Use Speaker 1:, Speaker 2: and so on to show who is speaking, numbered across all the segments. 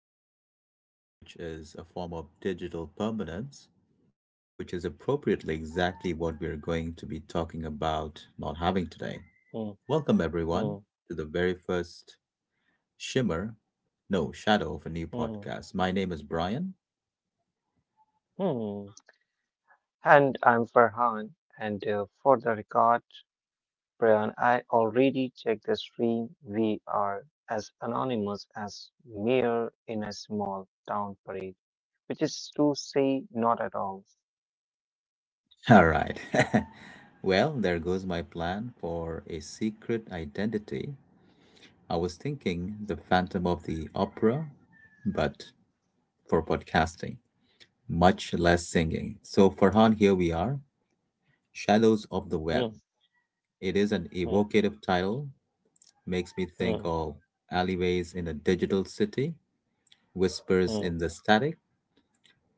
Speaker 1: recorded, which is a form of digital permanence, which is appropriately exactly what we're going to be talking about not having today.
Speaker 2: Mm,
Speaker 1: Welcome, everyone,
Speaker 2: mm,
Speaker 1: to the very first shimmer, no, shadow of a new
Speaker 2: mm,
Speaker 1: podcast. My name is Brian.
Speaker 2: mm. And I'm Farhan. And for the record, Brian, I already checked the stream. We are as anonymous as mere in a small town parade, which is to say, not at all.
Speaker 1: All right. Well, there goes my plan for a secret identity. I was thinking the Phantom of the Opera, but for podcasting. Much less singing. So, Farhan, here we are. Shadows of the Web.
Speaker 2: Mm,
Speaker 1: It is an
Speaker 2: mm,
Speaker 1: evocative title, makes me think
Speaker 2: mm,
Speaker 1: of alleyways in a digital city, whispers in
Speaker 2: mm,
Speaker 1: the static.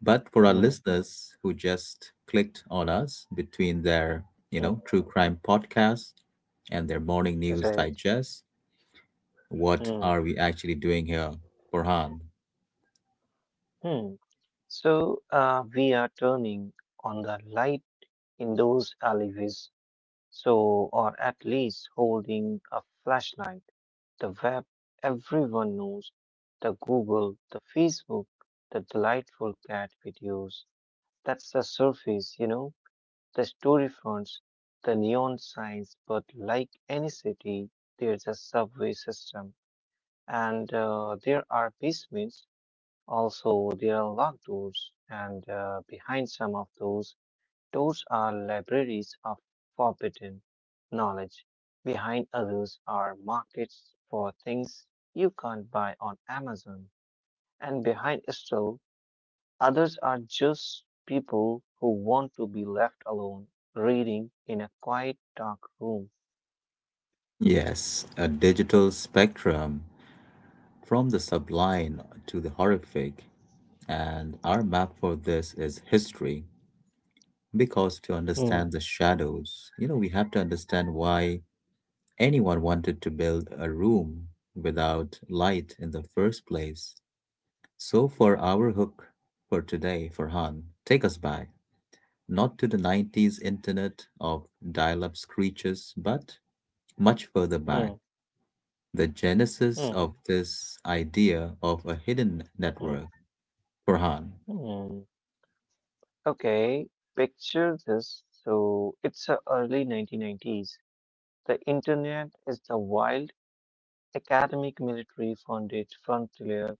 Speaker 1: But for our
Speaker 2: mm,
Speaker 1: listeners who just clicked on us between their,
Speaker 2: mm.
Speaker 1: true crime podcast and their morning news
Speaker 2: Right.
Speaker 1: digest, what
Speaker 2: Mm,
Speaker 1: are we actually doing here, Farhan?
Speaker 2: mm. So we are turning on the light in those alleyways. So, or at least holding a flashlight. The web, everyone knows. The Google, the Facebook, the delightful cat videos. That's the surface, the story fronts, the neon signs. But like any city, there's a subway system. And there are basements. Also, there are locked doors. And behind some of those are libraries of forbidden knowledge. Behind others are markets for things you can't buy on Amazon. And behind still, others are just people who want to be left alone reading in a quiet, dark room.
Speaker 1: Yes, a digital spectrum from the sublime to the horrific. And our map for this is history, because to understand
Speaker 2: Hmm,
Speaker 1: the shadows, we have to understand why anyone wanted to build a room without light in the first place. So, for our hook for today, Farhan, take us back, not to the '90s internet of dial up screeches, but much further back,
Speaker 2: hmm,
Speaker 1: the genesis of
Speaker 2: hmm,
Speaker 1: this idea of a hidden
Speaker 2: hmm,
Speaker 1: network. Farhan.
Speaker 2: hmm. Okay, picture this. So it's the early 1990s. The internet is the wild academic military funded frontier,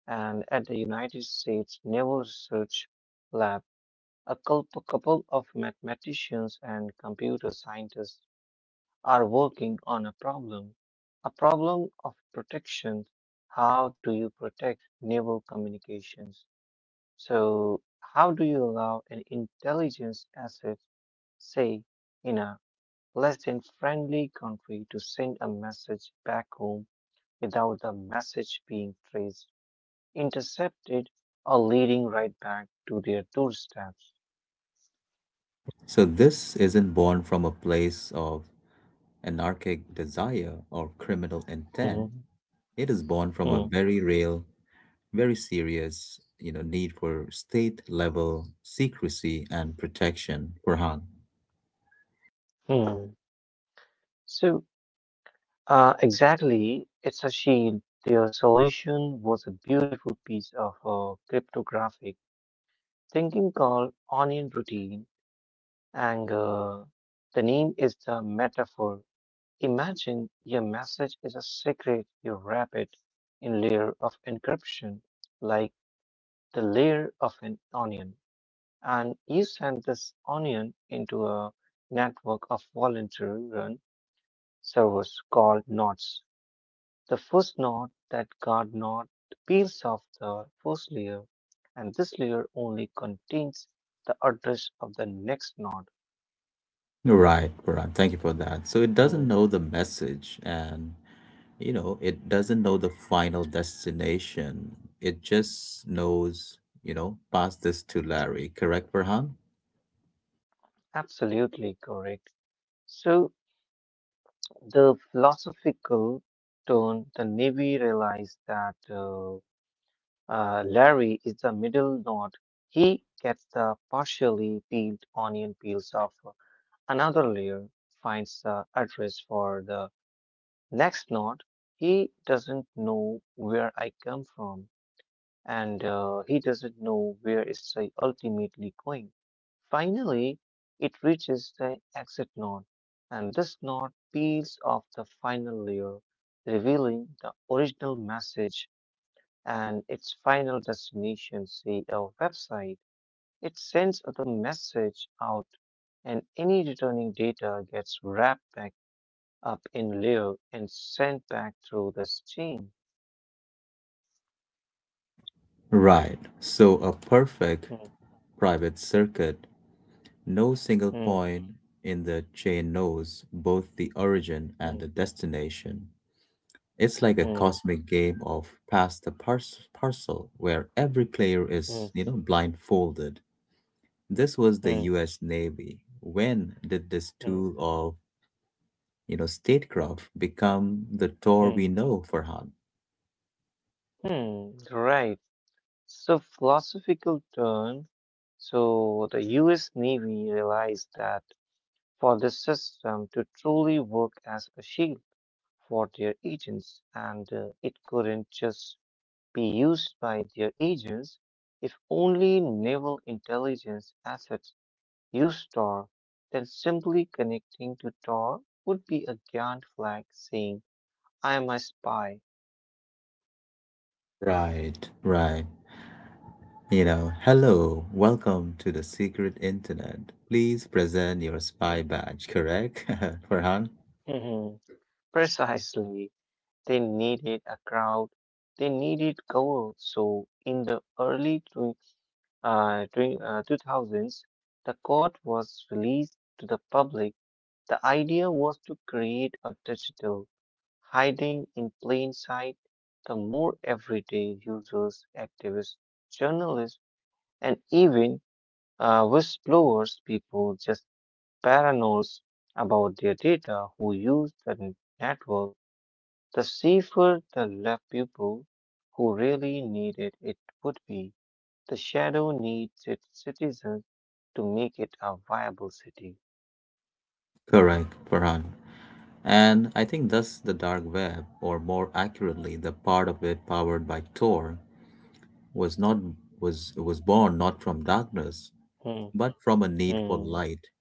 Speaker 2: and at the United States Naval Research Lab, a couple of mathematicians and computer scientists are working on a problem of protection. How do you protect naval communications? So, how do you allow an intelligence asset, say, in a less than friendly country to send a message back home without the message being traced, intercepted, or leading right back to their doorsteps?
Speaker 1: So this isn't born from a place of anarchic desire or criminal intent.
Speaker 2: Mhm,
Speaker 1: It is born from a
Speaker 2: mhm,
Speaker 1: very real, very serious, need for state level secrecy and protection, Farhan.
Speaker 2: mhm. So, exactly, it's a shield. Their solution was a beautiful piece of cryptographic thinking called onion routine, and the name is the metaphor. Imagine your message is a secret, you wrap it in layer of encryption, like the layer of an onion. And you send this onion into a network of volunteer-run servers called nodes. The first node, that guard node, peels off the first layer, and this layer only contains the address of the next node.
Speaker 1: Right, Farhan. Thank you for that. So it doesn't
Speaker 2: Hmm,
Speaker 1: know the message, and it doesn't know the final destination. It just knows, pass this to Larry, correct, Farhan?
Speaker 2: absolutely correct. So the philosophical turn, the Navy realized that. Larry is the middle node. He gets the partially peeled onion peels off another layer, finds the address for the next node. He doesn't know where I come from, and he doesn't know where it's ultimately going. Finally, it reaches the exit node, and this node peels off the final layer, revealing the original message and its final destination, say the website. It sends the message out, and any returning data gets wrapped back up in layer and sent back through the stream.
Speaker 1: Right. So a perfect
Speaker 2: Hmm,
Speaker 1: private circuit. No single
Speaker 2: hmm,
Speaker 1: point in the chain knows both the origin
Speaker 2: hmm,
Speaker 1: and the destination. It's like a cosmic game of parcel where every player
Speaker 2: hmm,
Speaker 1: is, blindfolded. This was
Speaker 2: hmm,
Speaker 1: the
Speaker 2: hmm,
Speaker 1: US Navy. When did this
Speaker 2: hmm,
Speaker 1: tool of, statecraft become the Tor
Speaker 2: hmm,
Speaker 1: we know, Farhan?
Speaker 2: hmm. Right. So, philosophical turn. So, the US Navy realized that for the system to truly work as a shield, for their agents, and it couldn't just be used by their agents. If only naval intelligence assets used Tor, then simply connecting to Tor would be a giant flag saying, I am a spy.
Speaker 1: Right, right. You know, hello, welcome to the secret internet. Please present your
Speaker 2: Hmm.
Speaker 1: spy badge, correct? Farhan?
Speaker 2: Precisely. They needed a crowd. They needed cover. So in the early 2000s, the court was released to the public. The idea was to create a digital hiding in plain sight. The more everyday users, activists, journalists, and even whistleblowers, people just paranoid about their data who use the network, the safer the left people who really needed it would be. The shadow needs its citizens to make it a viable city.
Speaker 1: Correct, Farhan. And I think thus the dark web, or more accurately, the part of it powered by Tor, was not was born not from darkness,
Speaker 2: Hmm,
Speaker 1: but from a need for
Speaker 2: hmm,
Speaker 1: light,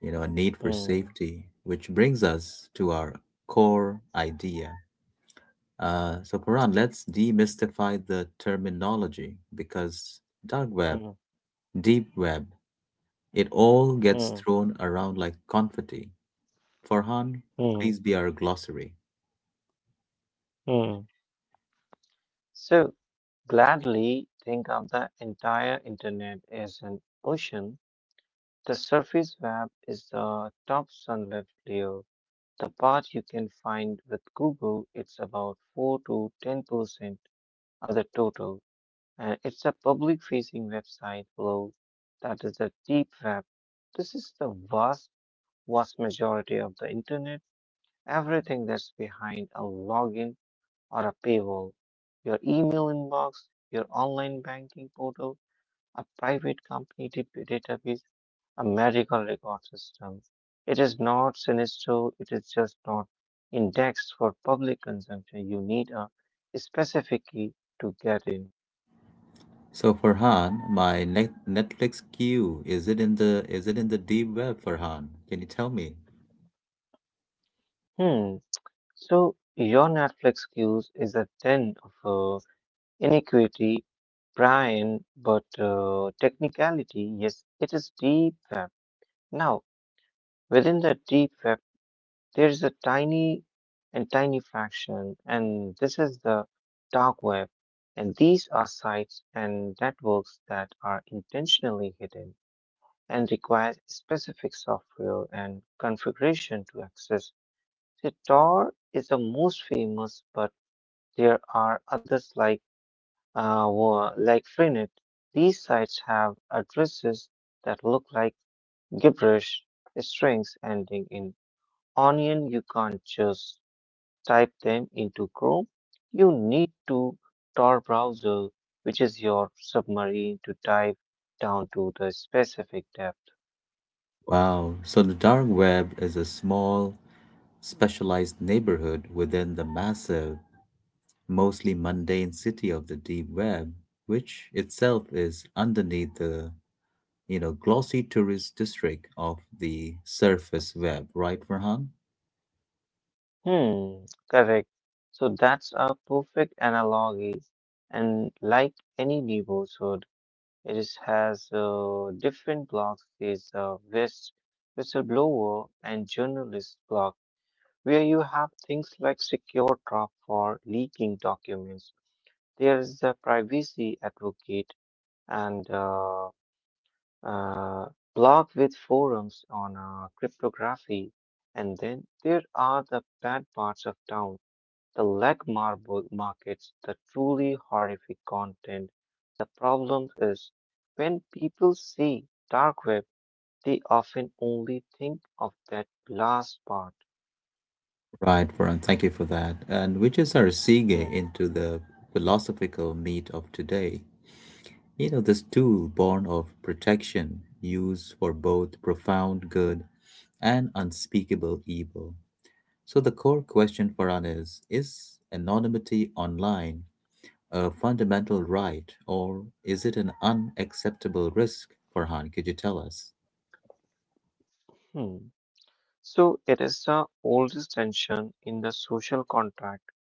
Speaker 1: a need for
Speaker 2: hmm,
Speaker 1: safety, which brings us to our core idea. So Farhan, let's demystify the terminology because dark web,
Speaker 2: hmm,
Speaker 1: deep web, it all gets
Speaker 2: hmm.
Speaker 1: thrown around like confetti. Farhan,
Speaker 2: Mm,
Speaker 1: please be our glossary.
Speaker 2: mm. So gladly think of the entire internet as an ocean. The surface web is the top sunlit layer. The part you can find with Google, it's about 4 to 10% of the total. And it's a public facing website below. That is the deep web. This is the vast, vast majority of the internet. Everything that's behind a login or a paywall, your email inbox, your online banking portal, a private company database, a medical record system. It is not sinister, it is just not indexed for public consumption. You need a specific key to get in.
Speaker 1: So Farhan, my Netflix queue, is it in the is it in the deep web, Farhan? Can you tell me?
Speaker 2: Hmm. So your Netflix queues is a den of inequity, Brian, but technicality, yes, it is deep web. Now, within the deep web, there's a tiny and tiny fraction, and this is the dark web. And these are sites and networks that are intentionally hidden and require specific software and configuration to access. So Tor is the most famous, but there are others like like Freenet. These sites have addresses that look like gibberish strings ending in onion. You can't just type them into Chrome, you need to Tor browser, which is your submarine, to dive down to the specific depth.
Speaker 1: Wow. So the dark web is a small, specialized neighborhood within the massive, mostly mundane city of the deep web, which itself is underneath the, glossy tourist district of the surface web, right, Farhan?
Speaker 2: Hmm, correct. So that's a perfect analogy, and like any neighborhood, has different blocks. There's a whistleblower and journalist block, where you have things like secure drop for leaking documents. There is the privacy advocate and uh, blog with forums on cryptography. And then there are the bad parts of town, the leg marble markets, the truly horrific content. The problem is when people see dark web, they often only think of that last part.
Speaker 1: Right, Varun, thank you for that. And which is our
Speaker 2: Hmm.
Speaker 1: segue into the philosophical meat of today. You know, this tool, born of protection, used for both profound good and unspeakable evil. So, the core question for us is: is anonymity online a fundamental right, or is it an unacceptable risk? Farhan, could you tell us?
Speaker 2: Hmm. So it is the oldest tension in the social contract.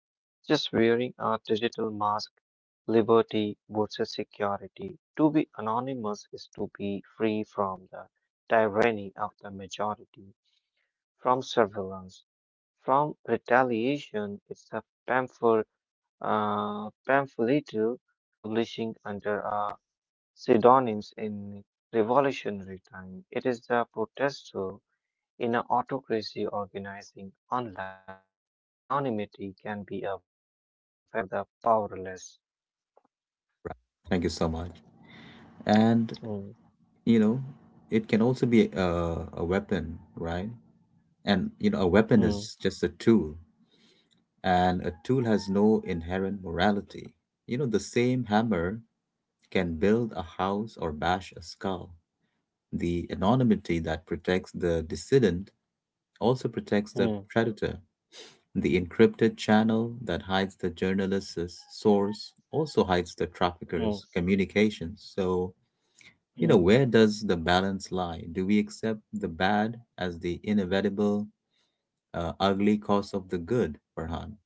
Speaker 2: Just wearing a digital mask, liberty versus security. To be anonymous is to be free from the tyranny of the majority, from surveillance, from retaliation. It's a pamphleteer publishing under pseudonyms in revolutionary time. It is the protester in an autocracy organizing online. Anonymity can be a weapon for the powerless.
Speaker 1: Thank you so much. And,
Speaker 2: Mm,
Speaker 1: you know, it can also be a, weapon, right? And, a weapon
Speaker 2: mm,
Speaker 1: is just a tool, and a tool has no inherent morality. You know, the same hammer can build a house or bash a skull. The anonymity that protects the dissident also protects the
Speaker 2: mm,
Speaker 1: predator. The encrypted channel that hides the journalist's source also hides the trafficker's
Speaker 2: mm,
Speaker 1: communications. So,
Speaker 2: mm.
Speaker 1: where does the balance lie? Do we accept the bad as the inevitable, ugly cost of the good, Farhan?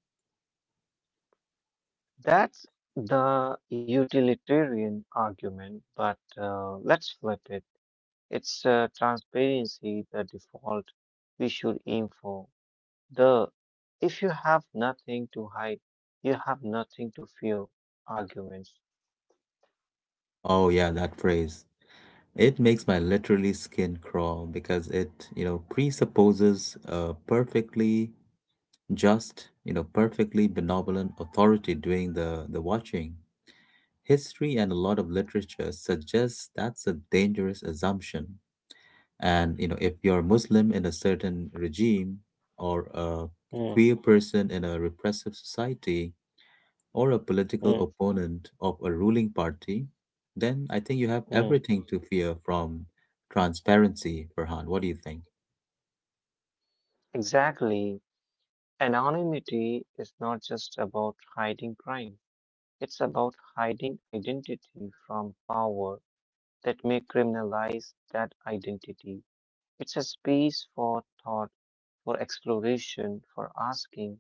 Speaker 2: That's the utilitarian argument, but let's flip it. It's transparency, the default we should aim for. The if you have nothing to hide, you have nothing to fear arguments.
Speaker 1: Oh, yeah, that phrase. It makes my literally skin crawl because it, presupposes a perfectly just, perfectly benevolent authority doing the watching. History and a lot of literature suggests that's a dangerous assumption. And, if you're Muslim in a certain regime or a
Speaker 2: Mm,
Speaker 1: queer person in a repressive society, or a
Speaker 2: mm,
Speaker 1: political opponent of a ruling party, then I think you have
Speaker 2: mm.
Speaker 1: everything to fear from transparency, Farhan. What do you think?
Speaker 2: Exactly. Anonymity is not just about hiding crime. It's about hiding identity from power that may criminalize that identity. It's a space for thought, for exploration, for asking,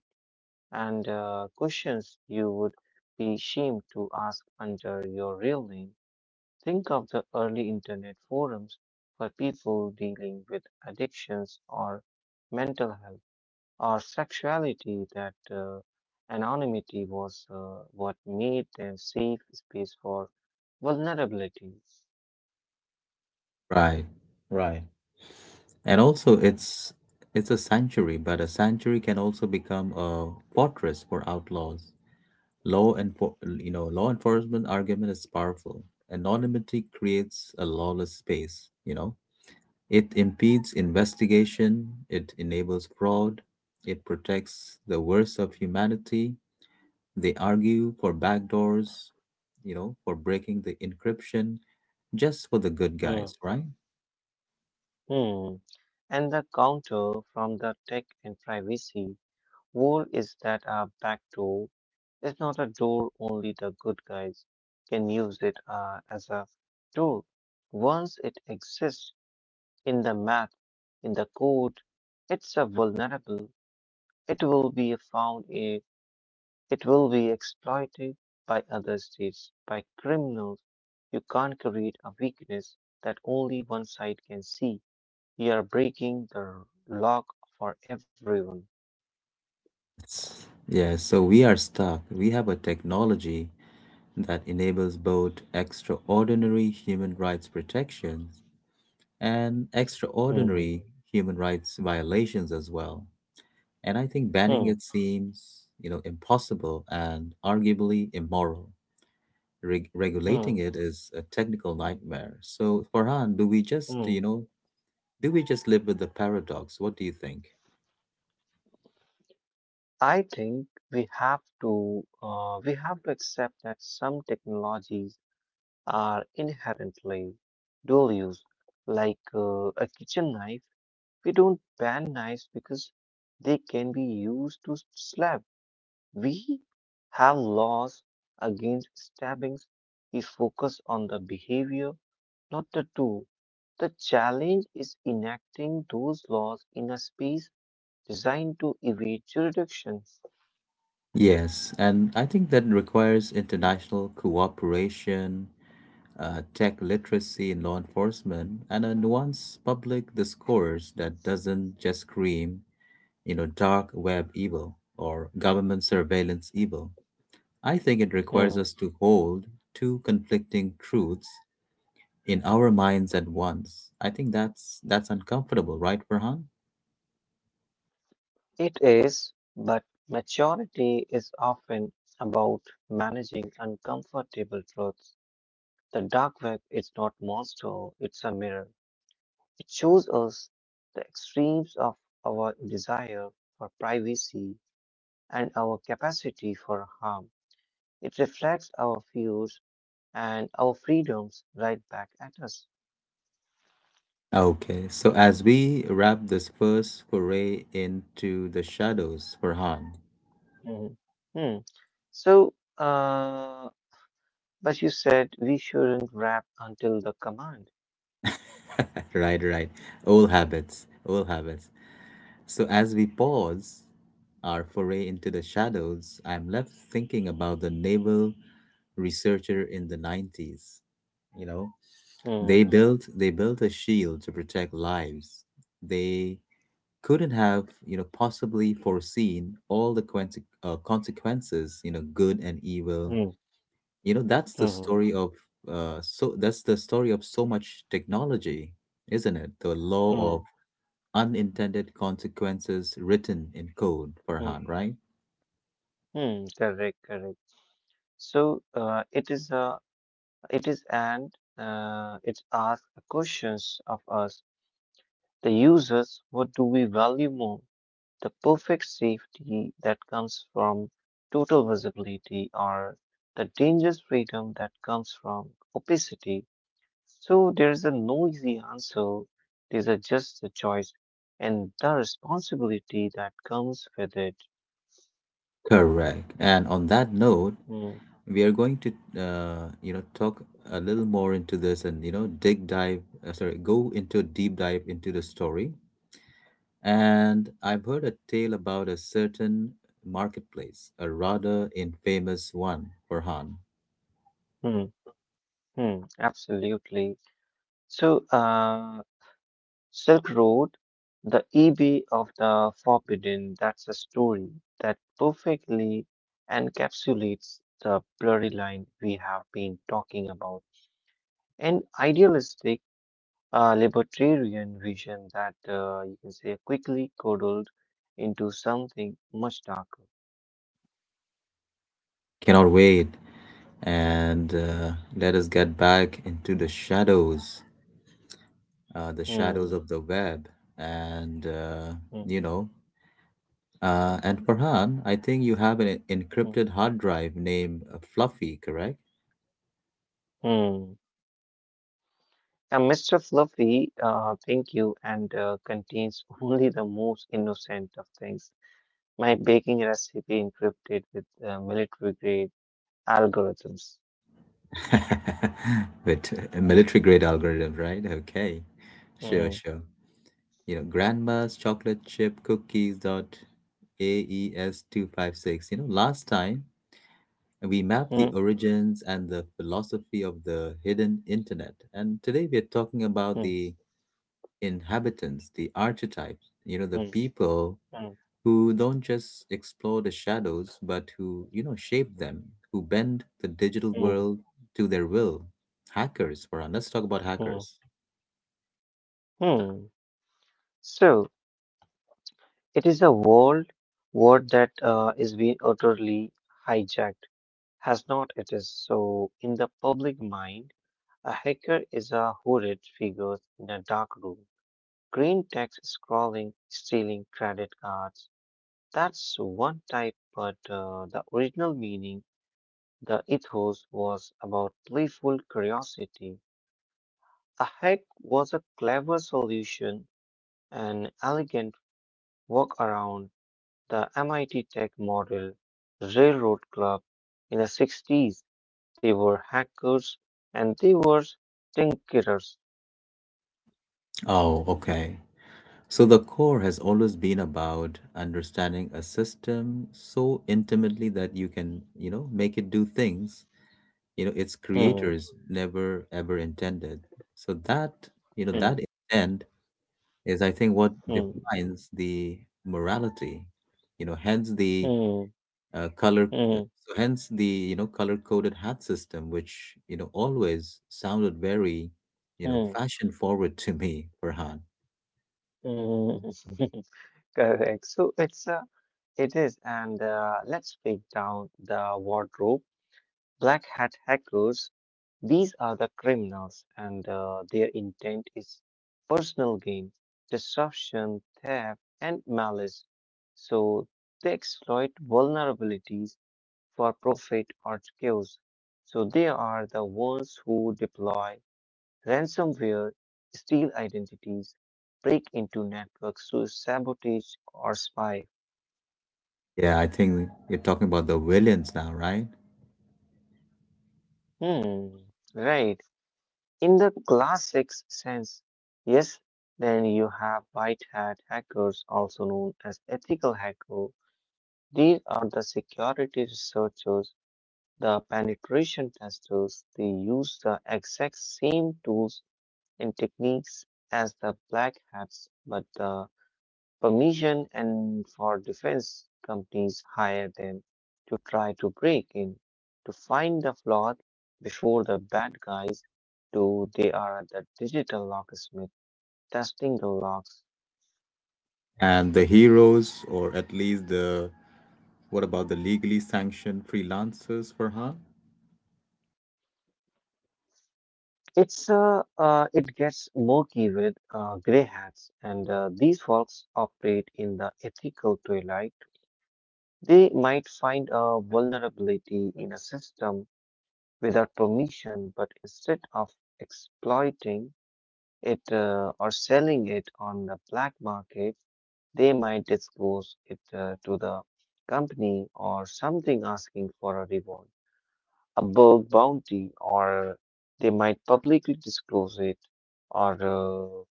Speaker 2: and questions you would be ashamed to ask under your real name. Think of the early internet forums for people dealing with addictions or mental health or sexuality that anonymity was what made them safe space for vulnerability.
Speaker 1: Right, right. And also
Speaker 2: Mm,
Speaker 1: it's a sanctuary, but a sanctuary can also become a fortress for outlaws. Law and law enforcement argument is powerful. Anonymity creates a lawless space, you know. It impedes investigation, it enables fraud, it protects the worst of humanity. They argue for backdoors, for breaking the encryption just for the good guys,
Speaker 2: mm,
Speaker 1: right?
Speaker 2: mm. And the counter from the tech and privacy world is that our back door is not a door only the good guys can use it as a door. Once it exists in the map, in the code, it's a vulnerable. It will be found in. It will be exploited by other states, by criminals. You can't create a weakness that only one side can see. You are breaking the lock for everyone.
Speaker 1: Yeah, so we are stuck. We have a technology that enables both extraordinary human rights protections and
Speaker 2: Hmm,
Speaker 1: extraordinary human rights violations as well. And I think banning
Speaker 2: hmm,
Speaker 1: it seems, impossible and arguably immoral.
Speaker 2: hmm,
Speaker 1: Regulating it is a technical nightmare. So, Farhan, do we just,
Speaker 2: hmm.
Speaker 1: do we just live with the paradox? What do you think?
Speaker 2: I think we have to accept that some technologies are inherently dual use, like a kitchen knife. We don't ban knives because they can be used to slap. We have laws against stabbings. We focus on the behavior, not the tool. The challenge is enacting those laws in a space designed to evade jurisdiction.
Speaker 1: Yes, and I think that requires international cooperation, tech literacy in law enforcement, and a nuanced public discourse that doesn't just scream, dark web evil or government surveillance evil. I think it requires
Speaker 2: Hmm.
Speaker 1: us to hold two conflicting truths in our minds at once. I think that's uncomfortable, right, Farhan?
Speaker 2: It is, but maturity is often about managing uncomfortable truths. The dark web is not monster, it's a mirror. It shows us the extremes of our desire for privacy and our capacity for harm. It reflects our views and our freedoms right back at us.
Speaker 1: Okay, so as we wrap this first foray into the shadows for Han,
Speaker 2: Mhm. Hmm. So, but you said we shouldn't rap until the command.
Speaker 1: right, right, old habits, old habits. So as we pause our foray into the shadows, I'm left thinking about the naval researcher in the '90s. You know,
Speaker 2: Hmm.
Speaker 1: they built a shield to protect lives. They couldn't have, possibly foreseen all the consequences, good and evil.
Speaker 2: Hmm.
Speaker 1: You know,
Speaker 2: Hmm.
Speaker 1: that's the story of so much technology, isn't it? The law of
Speaker 2: Hmm.
Speaker 1: unintended consequences written in code,
Speaker 2: Hmm.
Speaker 1: Farhan, right?
Speaker 2: Hmm. Correct. Correct. So, it is and it asks questions of us, the users. What do we value more? The perfect safety that comes from total visibility or the dangerous freedom that comes from opacity. So there is a no easy answer. There's a just a choice and the responsibility that comes with it.
Speaker 1: Correct. And on that note,
Speaker 2: Hmm,
Speaker 1: we are going to talk a little more into this, and dig dive sorry go into a deep dive into the story. And I've heard a tale about a certain marketplace, a rather infamous one, Farhan.
Speaker 2: hmm, hmm, absolutely. So, Silk Road, the E.B. of the Forbidden, that's a story that perfectly encapsulates the blurry line we have been talking about. An idealistic libertarian vision that you can say quickly curdled into something much darker.
Speaker 1: Cannot wait. And let us get back into the shadows
Speaker 2: Hmm,
Speaker 1: of the web, and
Speaker 2: hmm,
Speaker 1: you know, and Farhan, I think you have an
Speaker 2: hmm,
Speaker 1: encrypted hard drive named Fluffy, correct?
Speaker 2: hmm. Now, Mr. Fluffy, thank you, and contains only the most innocent of things. My baking recipe encrypted with military grade algorithms.
Speaker 1: With a military grade algorithm, right? Okay, sure,
Speaker 2: Mm,
Speaker 1: sure. You know, grandma's chocolate chip cookies dot AES 256. You know, last time we map the
Speaker 2: mm,
Speaker 1: origins and the philosophy of the hidden internet. And today we are talking about
Speaker 2: mm,
Speaker 1: the inhabitants, the archetypes, the
Speaker 2: mm,
Speaker 1: people
Speaker 2: mm,
Speaker 1: who don't just explore the shadows, but who, shape them, who bend the digital
Speaker 2: mm,
Speaker 1: world to their will. Hackers, Farhan. Let's talk about
Speaker 2: mm,
Speaker 1: hackers.
Speaker 2: mm. So, it is a world word that is being utterly hijacked. Has not it is. So, in the public mind, a hacker is a horrid figure in a dark room. Green text scrolling, stealing credit cards. That's one type, but the original meaning. The ethos was about playful curiosity. A hack was a clever solution, an elegant workaround. The MIT Tech Model Railroad Club in the 60s. They were hackers and they were tinkerers.
Speaker 1: Oh, okay. So the core has always been about understanding a system so intimately that you can, make it do things its
Speaker 2: Hmm,
Speaker 1: creators never ever intended, so that you know
Speaker 2: hmm,
Speaker 1: that intent is, I think, what
Speaker 2: hmm,
Speaker 1: defines the morality. You know, hence the
Speaker 2: hmm,
Speaker 1: color
Speaker 2: hmm,
Speaker 1: uh, so hence the, color coded hat system, which always sounded very,
Speaker 2: hmm, hmm.
Speaker 1: fashion forward to me, Farhan.
Speaker 2: Correct. So it is. And let's break down the wardrobe. Black hat hackers. These are the criminals, and their intent is personal gain, destruction, theft, and malice. So they exploit vulnerabilities for profit or chaos. So they are the ones who deploy ransomware, steal identities, break into networks to sabotage or spy.
Speaker 1: Yeah, I think you're talking about the villains now, right?
Speaker 2: Hmm, right. In the classic sense, yes. Then you have white hat hackers, also known as ethical hackers. These are the security researchers, the penetration testers. They use the exact same tools and techniques as the black hats, but the permission and for defense companies hire them to try to break in, to find the flaws before the bad guys do. They are the digital locksmith testing the locks.
Speaker 1: And the heroes, or at least the what about the legally sanctioned freelancers, Farhan?
Speaker 2: It's it gets murky with gray hats, and these folks operate in the ethical twilight. They might find a vulnerability in a system without permission, but instead of exploiting it or selling it on the black market, they might disclose it to the company or something asking for a reward, a bug bounty, or they might publicly disclose it, or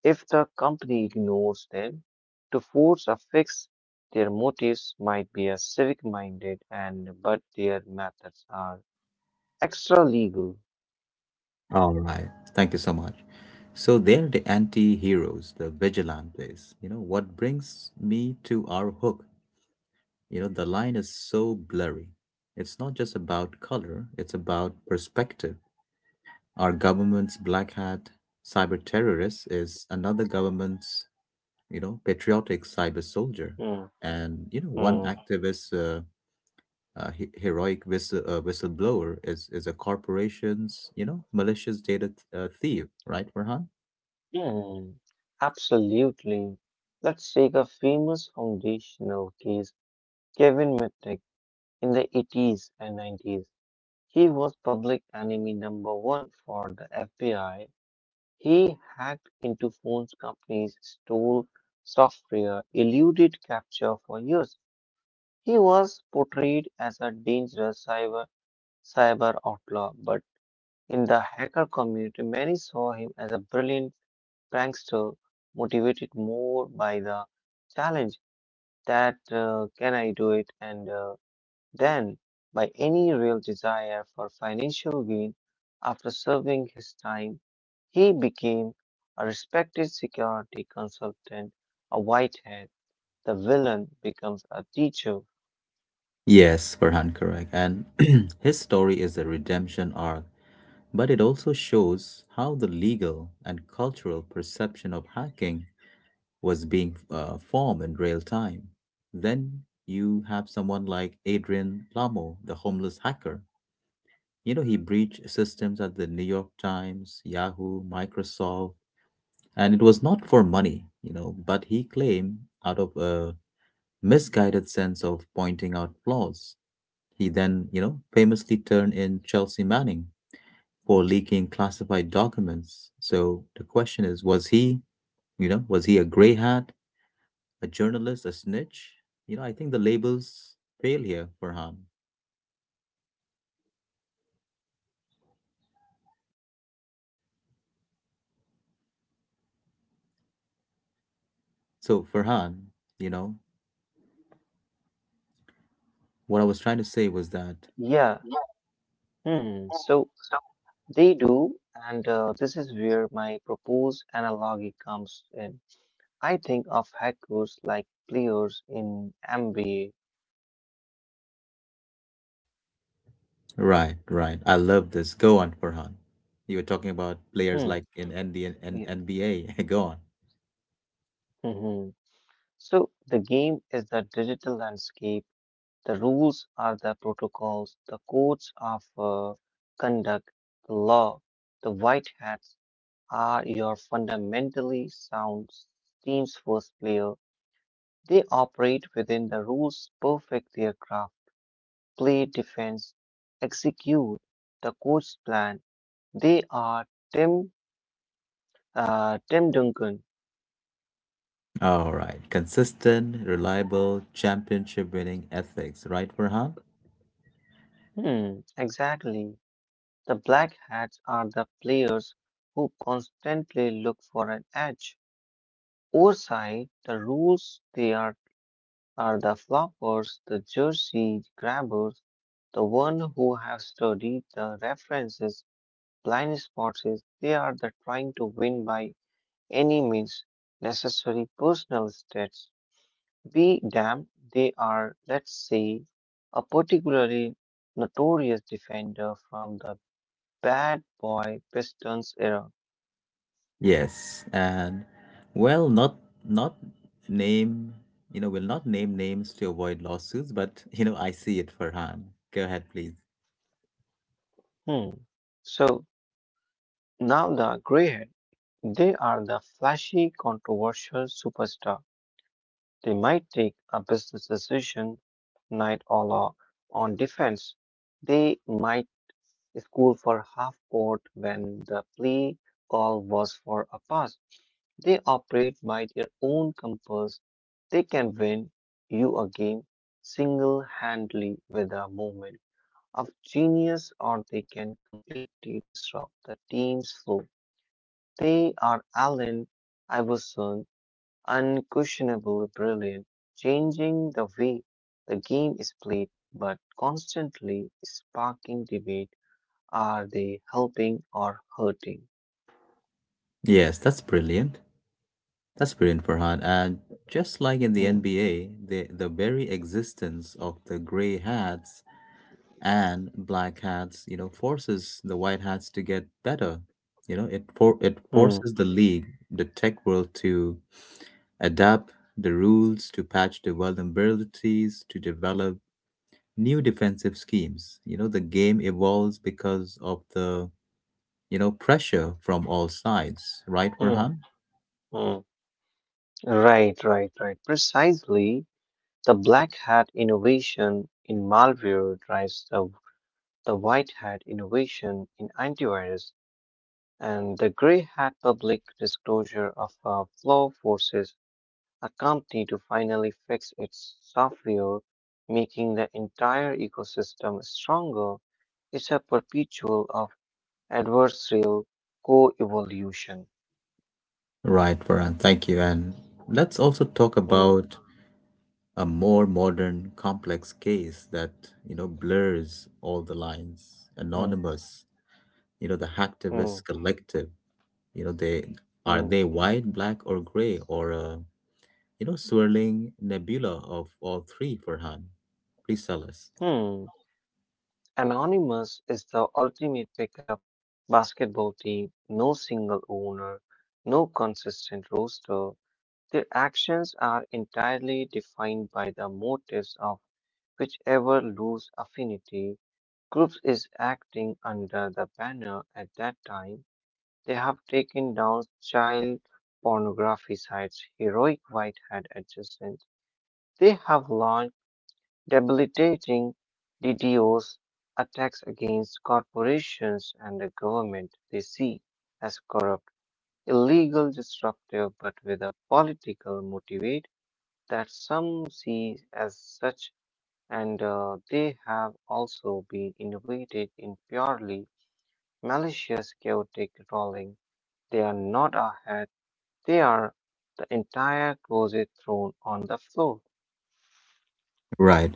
Speaker 2: if the company ignores them, to force a fix. Their motives might be a civic-minded, and but their methods are extra legal.
Speaker 1: All right. Thank you so much. So they're the anti-heroes, the vigilantes. You know, what brings me to our hook, the line is so blurry. It's not just about color, it's about perspective. Our government's black hat cyber terrorist is another government's, patriotic cyber soldier.
Speaker 2: Hmm,
Speaker 1: And, one
Speaker 2: hmm.
Speaker 1: activist heroic whistleblower is a corporation's, malicious thief, right, Farhan?
Speaker 2: Hmm, absolutely. Let's take a famous foundational case, Kevin McTaggart, in the 80s and 90s. He was public enemy number one for the FBI. He hacked into phone companies, stole software, eluded capture for years. He was portrayed as a dangerous cyber outlaw, but in the hacker community, many saw him as a brilliant prankster motivated more by the challenge that can I do it? And then by any real desire for financial gain. After serving his time he became a respected security consultant, a whitehead. The villain becomes a teacher.
Speaker 1: Yes, Farhan, correct. And his story is a redemption arc, but it also shows how the legal and cultural perception of hacking was being formed in real time. Then you have someone like Adrian Lamo, the homeless hacker. You know, he breached systems at the New York Times, Yahoo, Microsoft, and it was not for money, but he claimed out of a misguided sense of pointing out flaws. He then, famously turned in Chelsea Manning for leaking classified documents. So the question is, was he, was he a grey hat, a journalist, a snitch? You know, I think the labels fail here, Farhan. So Farhan, you know, what I was trying to say was that
Speaker 2: Yeah, hmm. So they do, and this is where my proposed analogy comes in. I think of hackers like players in MBA.
Speaker 1: right, right. I love this. Go on, Farhan. You were talking about players
Speaker 2: Hmm.
Speaker 1: like in NBA and
Speaker 2: Yeah.
Speaker 1: NBA. Go on.
Speaker 2: hmm So the game is the digital landscape. The rules are the protocols. The codes of conduct, the law. The white hats are your fundamentally sound team's first player. They operate within the rules, perfect their craft, play defense, execute the coach plan. They are Tim Tim Duncan.
Speaker 1: All right. Consistent, reliable, championship winning ethics, right, Farhan?
Speaker 2: Hmm, exactly. The black hats are the players who constantly look for an edge. Oversight, the rules, are the floppers, the jersey grabbers, the one who have studied the references, blind spots. They are the trying to win by any means necessary, personal stats be damned. They are, let's say, a particularly notorious defender from the bad boy Pistons era.
Speaker 1: Yes, and well, not not name, will not name names to avoid lawsuits, but you know, I see it, Farhan. Go ahead, please.
Speaker 2: Hmm. So now the greyhead, they are the flashy, controversial superstar. They might take a business decision, night or law, on defense. They might school for half court when the play call was for a pass. They operate by their own compass. They can win you a game single handedly with a movement of genius, or they can completely disrupt the team's flow. They are Allen Iverson, unquestionably brilliant, changing the way the game is played, but constantly sparking debate. Are they helping or hurting?
Speaker 1: Yes, that's brilliant. That's brilliant, Farhan. And just like in the
Speaker 2: Hmm.
Speaker 1: NBA, the very existence of the gray hats and black hats, you know, forces the white hats to get better. It
Speaker 2: Hmm.
Speaker 1: forces the league, the tech world to adapt the rules, to patch the vulnerabilities, to develop new defensive schemes. You know, the game evolves because of the, you know, pressure from all sides, right,
Speaker 2: Hmm.
Speaker 1: Farhan?
Speaker 2: Hmm. Right, right, right. Precisely. The black hat innovation in malware drives the white hat innovation in antivirus, and the gray hat public disclosure of a flaw forces a company to finally fix its software, making the entire ecosystem stronger. It's a perpetual of adversarial co-evolution.
Speaker 1: Right, Farhan, thank you. And let's also talk
Speaker 2: Hmm.
Speaker 1: about a more modern, complex case that, you know, blurs all the lines.
Speaker 2: Hmm.
Speaker 1: Anonymous, you know, the
Speaker 2: Hmm.
Speaker 1: hacktivist collective, you know, they, are
Speaker 2: mm,
Speaker 1: they white, black, or gray, or you know, swirling nebula of all three, Farhan? Please tell us.
Speaker 2: hmm. Anonymous is the ultimate pickup basketball team. No single owner, no consistent roster. Their actions are entirely defined by the motives of whichever loose affinity groups is acting under the banner at that time. They have taken down child pornography sites, heroic whitehead adjacent. They have launched debilitating DDoS attacks against corporations and the government they see as corrupt, illegal, disruptive, but with a political motivate that some see as such, and they have also been innovated in purely malicious, chaotic trolling. They are not a hat; they are the entire closet thrown on the floor.
Speaker 1: Right.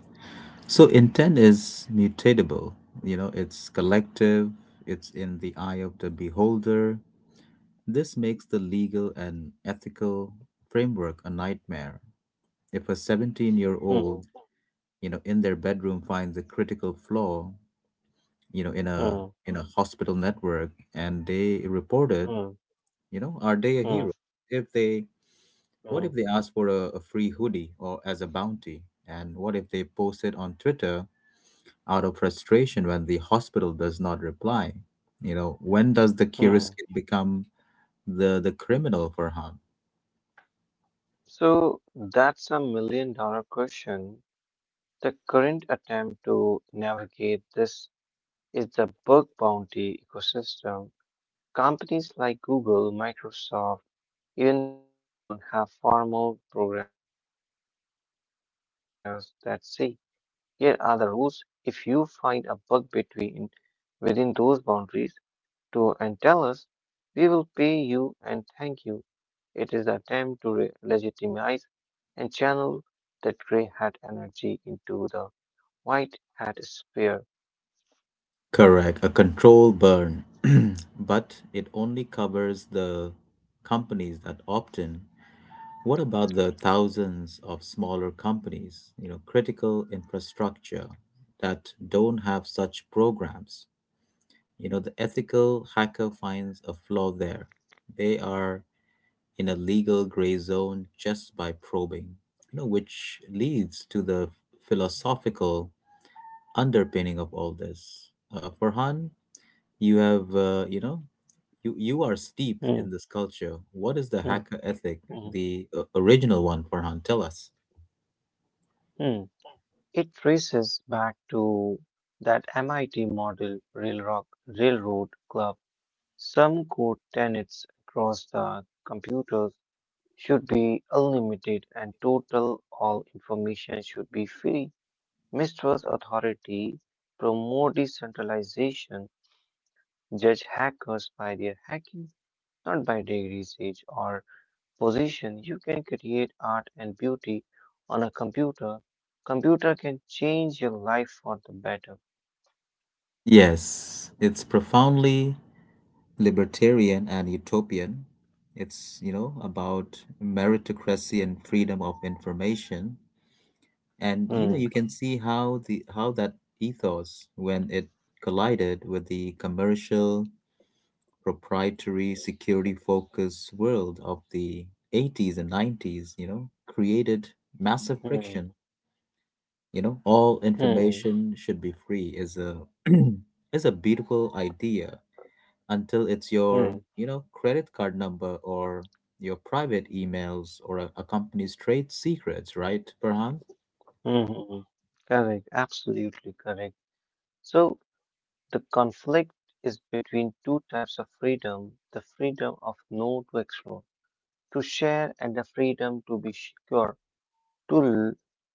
Speaker 1: So intent is mutatable. You know, it's collective, it's in the eye of the beholder. This makes the legal and ethical framework a nightmare. If a 17-year-old year
Speaker 2: Hmm,
Speaker 1: old, you know, in their bedroom finds a critical flaw, you know,
Speaker 2: hmm,
Speaker 1: in a hospital network and they report it,
Speaker 2: hmm,
Speaker 1: you know, are they a
Speaker 2: hmm,
Speaker 1: hero? If they What if
Speaker 2: hmm,
Speaker 1: they ask for a free hoodie or as a bounty? And what if they post it on Twitter out of frustration when the hospital does not reply? You know, when does the curious
Speaker 2: hmm.
Speaker 1: kid become the criminal for harm?
Speaker 2: So that's a million-dollar question. The current attempt to navigate this is the bug bounty ecosystem. Companies like Google, Microsoft, even Pentagon have far more programs that say, here are the rules. If you find a bug between within those boundaries to and tell us, we will pay you and thank you. It is the attempt to legitimize and channel that gray hat energy into the white hat sphere.
Speaker 1: Correct, a control burn. But it only covers the companies that opt in. What about the thousands of smaller companies, you know, critical infrastructure that don't have such programs? You know, the ethical hacker finds a flaw there. They are in a legal gray zone just by probing, you know, which leads to the philosophical underpinning of all this. Farhan, you have, you know, you are steep
Speaker 2: Hmm,
Speaker 1: in this culture. What is the
Speaker 2: hmm,
Speaker 1: hacker ethic,
Speaker 2: hmm,
Speaker 1: the original one, Farhan? Tell us.
Speaker 2: hmm. It traces back to that MIT model Railroad Club. Some core tenets across: the computers should be unlimited and total. All information should be free. Mistrust authority, promote decentralization, judge hackers by their hacking, not by degrees, age, or position. You can create art and beauty on a computer. Computer can change your life for the better.
Speaker 1: Yes, it's profoundly libertarian and utopian. It's, you know, about meritocracy and freedom of information. And, you
Speaker 2: Hmm,
Speaker 1: know, you can see how the how that ethos, when it collided with the commercial, proprietary, security focused world of the 80s and 90s, you know, created massive
Speaker 2: hmm,
Speaker 1: friction. You know, all
Speaker 2: hmm,
Speaker 1: information should be free is a is a beautiful idea until it's
Speaker 2: hmm,
Speaker 1: your, you know, credit card number or your private emails or a company's trade secrets, right, Farhan?
Speaker 2: hmm. Correct, absolutely correct. So the conflict is between two types of freedom: the freedom of no to explore, to share and the freedom to be secure, to l-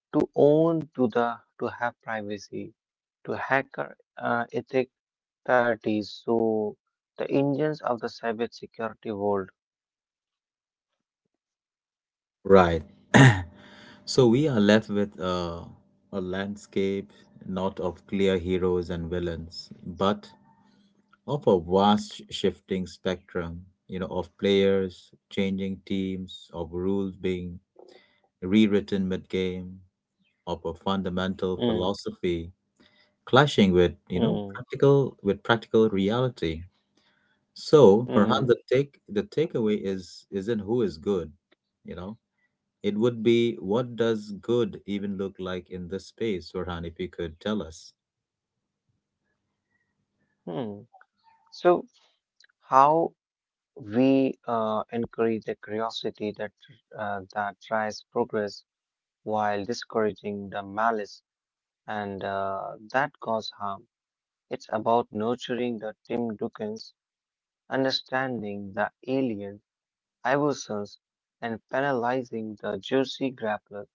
Speaker 2: to own to have privacy, to hacker ethics. That is so the engines of the cybersecurity world.
Speaker 1: Right. So we are left with a landscape not of clear heroes and villains, but of a vast, shifting spectrum, you know, of players changing teams, of rules being rewritten mid game, of a fundamental
Speaker 2: Hmm,
Speaker 1: philosophy clashing with, you know,
Speaker 2: hmm,
Speaker 1: practical reality. So perhaps
Speaker 2: hmm,
Speaker 1: the takeaway is isn't who is good, you know, it would be what does good even look like in this space, Farhan, if you could tell us.
Speaker 2: hmm. So how we encourage the curiosity that that drives progress while discouraging the malice and that cause harm. It's about nurturing the Tim Dukins, understanding the alien evolutions, and penalizing the Jersey grapplers.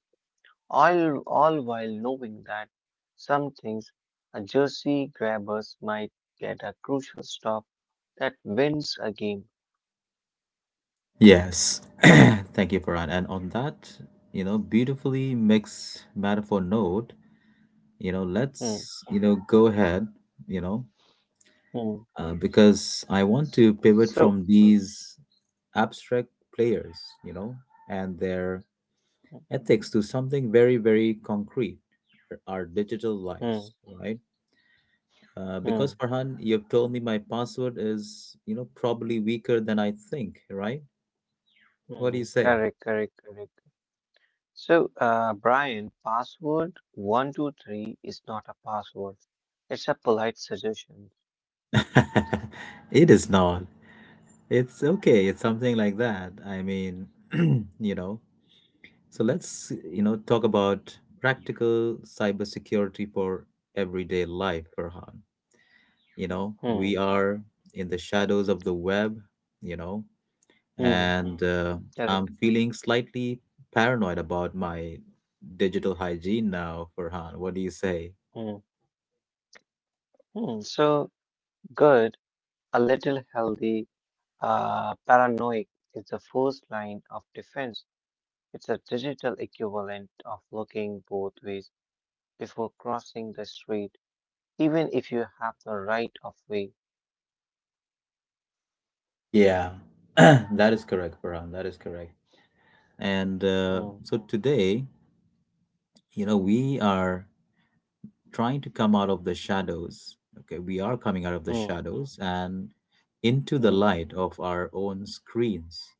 Speaker 2: All while knowing that some things a jersey grabbers might get a crucial stop that wins a game.
Speaker 1: Yes. Thank you, Farhan. And on that, you know, beautifully mixed metaphor note, you know,
Speaker 2: Hmm,
Speaker 1: let's, you know, go ahead, you know,
Speaker 2: hmm.
Speaker 1: because I want
Speaker 2: So,
Speaker 1: to pivot
Speaker 2: so,
Speaker 1: from these abstract players, you know, and their ethics to something very, very concrete: our digital
Speaker 2: hmm,
Speaker 1: lives, right? Because
Speaker 2: hmm,
Speaker 1: Farhan, you've told me my password is, you know, probably weaker than I think, right? What do
Speaker 2: hmm.
Speaker 1: you say?
Speaker 2: correct, correct, correct. So, Brian, password 123 is not a password. It's a polite suggestion.
Speaker 1: It is not. It's okay. It's something like that. I mean, you know. So let's, you know, talk about practical cybersecurity for everyday life, Farhan. You know,
Speaker 2: Hmm,
Speaker 1: we are in the shadows of the web, you know,
Speaker 2: hmm,
Speaker 1: and I'm
Speaker 2: correct.
Speaker 1: feeling slightly paranoid about my digital hygiene now, Farhan. What do you say?
Speaker 2: Hmm, hmm. So, good. A little healthy paranoia is the first line of defense. It's a digital equivalent of looking both ways before crossing the street, even if you have the right of way.
Speaker 1: Yeah, that is correct, Farhan. That is correct. And
Speaker 2: Hmm,
Speaker 1: so today, you know, we are trying to come out of the shadows. Okay, we are coming out of the
Speaker 2: hmm,
Speaker 1: shadows and into the
Speaker 2: hmm,
Speaker 1: light of our own screens.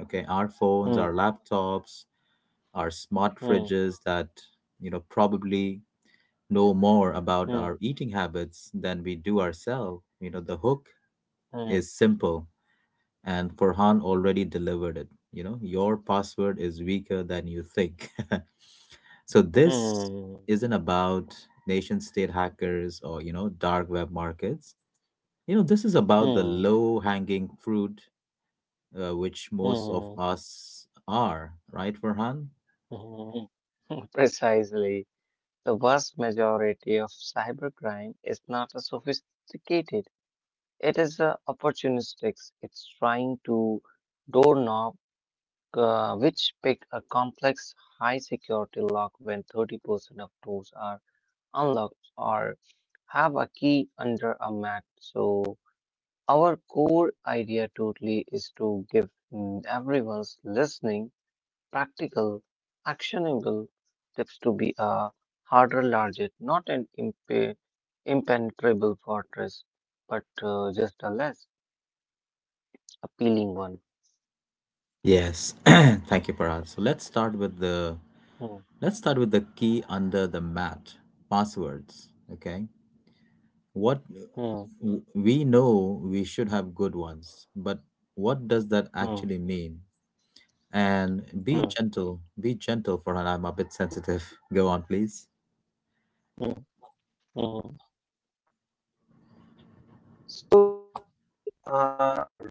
Speaker 1: Okay, our phones,
Speaker 2: hmm,
Speaker 1: our laptops, our smart
Speaker 2: hmm,
Speaker 1: fridges that, you know, probably know more about our eating habits than we do ourselves. You know, the hook
Speaker 2: hmm,
Speaker 1: is simple, and Farhan already delivered it. You know, your password is weaker than you think. So this
Speaker 2: hmm,
Speaker 1: isn't about nation state hackers or, you know, dark web markets. You know, this is about the
Speaker 2: hmm,
Speaker 1: low hanging fruit, which most of
Speaker 2: hmm,
Speaker 1: us are, right, Farhan?
Speaker 2: hmm, hmm. Precisely. The vast majority of cybercrime is not a sophisticated. It is opportunistic. It's trying to door knock, which picked a complex high security lock when 30% of doors are unlocked or have a key under a mat. So our core idea totally is to give everyone's listening practical, actionable tips to be a harder, larger, not an impenetrable fortress, but just a less appealing one.
Speaker 1: Yes, thank you, Parad. So let's start with the
Speaker 2: Hmm,
Speaker 1: Key under the mat, passwords. Okay. What
Speaker 2: hmm,
Speaker 1: we know we should have good ones, but what does that actually
Speaker 2: hmm,
Speaker 1: mean? And
Speaker 2: hmm,
Speaker 1: be gentle for her. I'm a bit sensitive. Go on, please.
Speaker 2: hmm, hmm. So, rule one,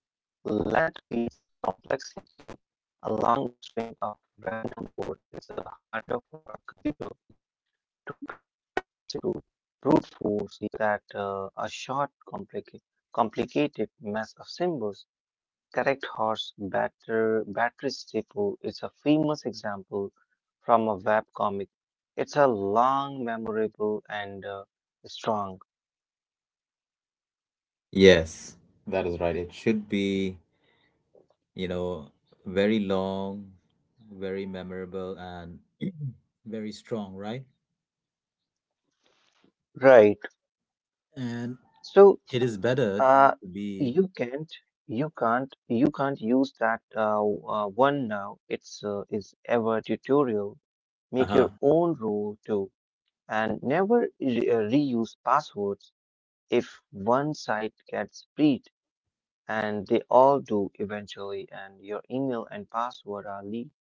Speaker 2: length beats complexity, a long string of random words. It's harder for a computer to crack through brute force that a short, complicated mess of symbols. Correct Horse Batter, Batteries Depot is a famous example from a web comic. It's a long, memorable, and strong.
Speaker 1: Yes, that is right. It should be, you know, very long, very memorable, and very strong, right?
Speaker 2: Right.
Speaker 1: And
Speaker 2: So,
Speaker 1: it is better
Speaker 2: uh,
Speaker 1: to be,
Speaker 2: you can't, you can't use that one now. It's is ever tutorial.
Speaker 1: uh
Speaker 2: Make your
Speaker 1: huh.
Speaker 2: own rule too, and never reuse passwords. If one site gets breached, and they all do eventually, and your email and password are leaked,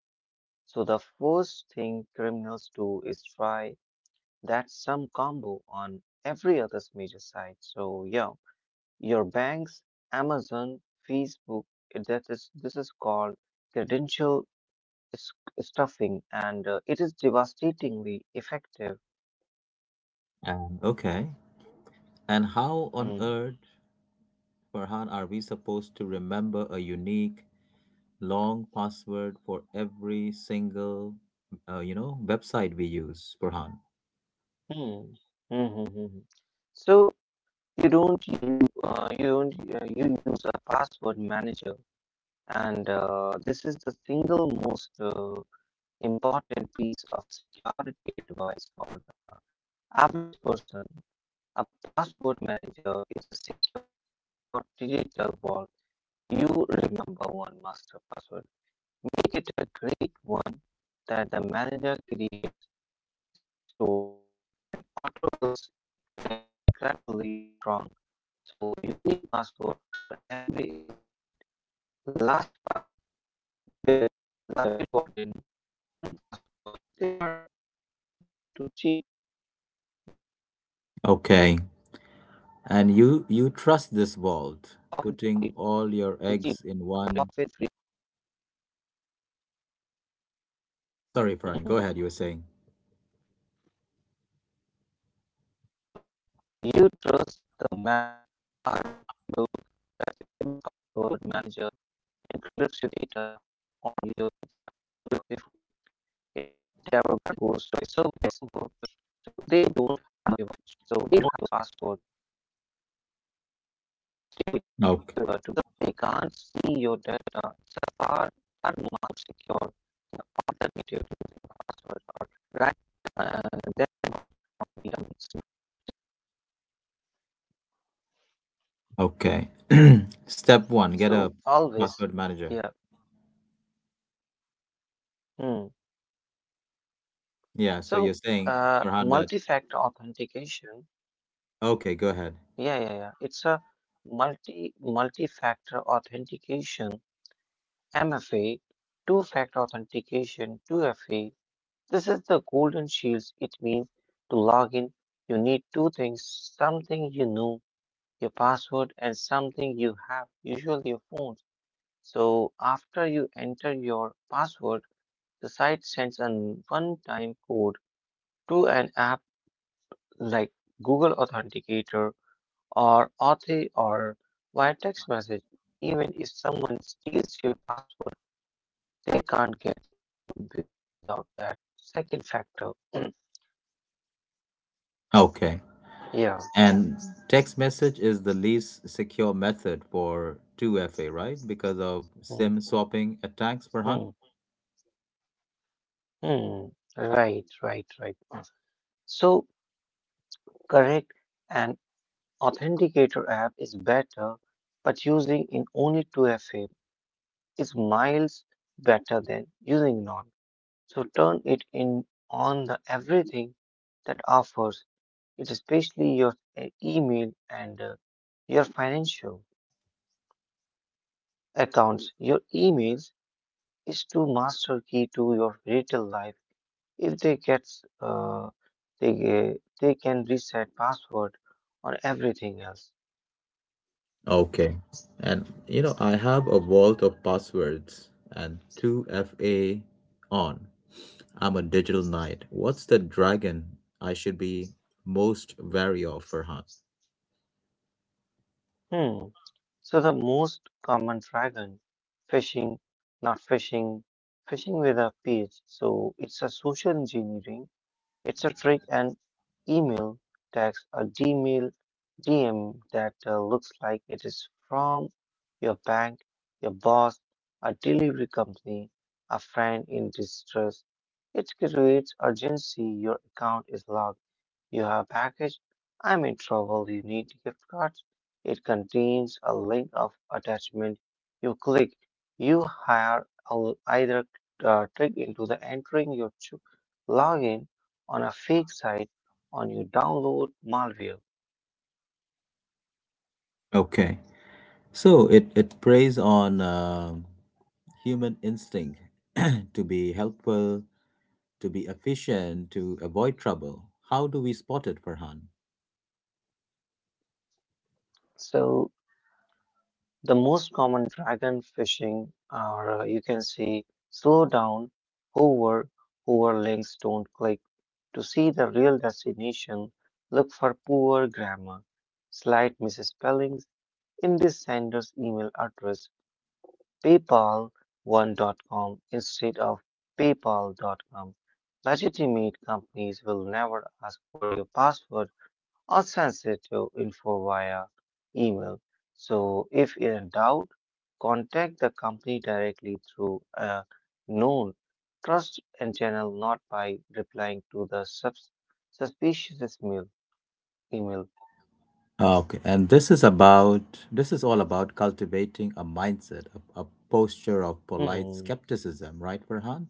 Speaker 2: so the first thing criminals do is try that some combo on every other major site. So yeah, your banks, Amazon, Facebook, that is this is called credential s- stuffing, and it is devastatingly effective.
Speaker 1: And okay. And how on
Speaker 2: Hmm.
Speaker 1: earth, Farhan, are we supposed to remember a unique long password for every single, you know, website we use, Farhan?
Speaker 2: Hmm. Hmm. hmm, hmm, hmm. So you don't you you don't you use a password manager. And this is the single most important piece of security advice for the average person. A password manager is a secure digital vault. You remember one master password. Make it a great one that the manager creates, stores, and auto builds incredibly strong. So unique passwords for every other site. LastPass, Bitwarden, one password, they are often free to cheat.
Speaker 1: Okay. And you trust this
Speaker 2: Hmm,
Speaker 1: vault, putting all your eggs in one.
Speaker 2: hmm, hmm.
Speaker 1: Sorry, Farhan. Go ahead. You were saying.
Speaker 2: So you trust the map. A reputable password manager encrypts your data on your device before it ever goes to the server. So they don't have your master's password. They can't see your data. It's far,
Speaker 1: Okay.
Speaker 2: far more secure than alternative password or writing uh, them down on sticky.
Speaker 1: Okay. Step one: get a
Speaker 2: So always,
Speaker 1: password manager.
Speaker 2: yeah. Hmm.
Speaker 1: Yeah. So you're
Speaker 2: So
Speaker 1: saying, Farhan, that
Speaker 2: multi-factor authentication.
Speaker 1: okay. Go ahead.
Speaker 2: Yeah. It's a multi-factor authentication, MFA, two-factor authentication, 2FA. This is the golden shields. It means to log in, you need two things: something you know, your password, and something you have, usually your phone. So after you enter your password, the site sends a one-time code to an app like Google Authenticator or Authy or via text message. Even if someone steals your password, they can't get in without that second factor.
Speaker 1: Okay.
Speaker 2: yeah.
Speaker 1: And text message is the least secure method for 2FA, right? Because of
Speaker 2: Hmm.
Speaker 1: SIM swapping attacks, Farhan?
Speaker 2: Hmm. Hmm. Right, right, right. So correct, an authenticator app is better, but using in only 2FA is miles better than using none. So turn it in on the everything that offers it, especially your email and your financial accounts. Your emails is to master key to your retail life. If they gets they can reset password on everything else.
Speaker 1: Okay. And you know, I have a vault of passwords and 2FA on. I'm a digital knight. What's the dragon I should be most wary of, Farhan?
Speaker 2: Hmm. So the most common dragon phishing, not phishing, phishing with a page. So it's a social engineering. It's a trick and email text a Gmail DM that looks like it is from your bank, your boss, a delivery company, a friend in distress. It creates urgency. Your account is locked. You have a package. I'm in trouble. You need gift cards. It contains a link of attachment. You click. You hire I'll either click into the entering your login on a fake site on your download malware.
Speaker 1: Okay. So it preys on human instinct, to be helpful, to be efficient, to avoid trouble. How do we spot it, Farhan?
Speaker 2: So the most common dragon phishing, or you can say slow down, hover, hover links, don't click. To see the real destination, look for poor grammar, slight misspellings in the sender's email address, paypal1.com instead of paypal.com. Legitimate companies will never ask for your password or sensitive info via email. So if in doubt, contact the company directly through a known trust and channel, not by replying to the suspicious email. Email.
Speaker 1: Okay, and this is about this is all about cultivating a mindset, a posture of polite
Speaker 2: Hmm.
Speaker 1: skepticism, right, Farhan?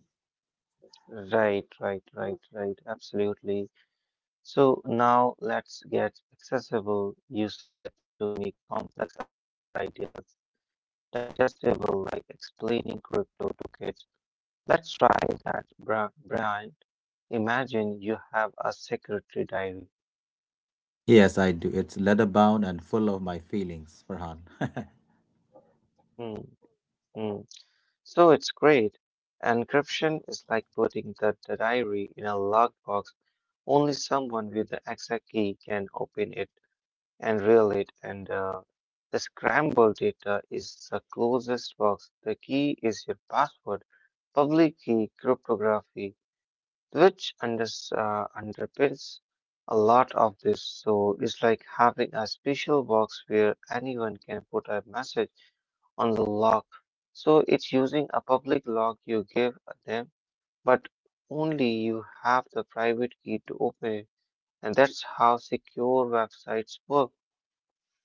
Speaker 2: Right, right, right, right. Absolutely. So now let's get accessible. You said to me complex ideas, digestible, like explaining crypto to kids. Let's try that, Brian. Imagine you have a secretary diary.
Speaker 1: Yes, I do. It's leather bound and full of my feelings, Farhan.
Speaker 2: Mm, mm. So it's great. Encryption is like putting the diary in a lockbox. Only someone with the exact key can open it and reveal it. And the scrambled data is the closest box. The key is your password. Public key cryptography which unders underpins a lot of this. So it's like having a special box where anyone can put a message on the lock. So it's using a public lock you give them, but only you have the private key to open it. And that's how secure websites work.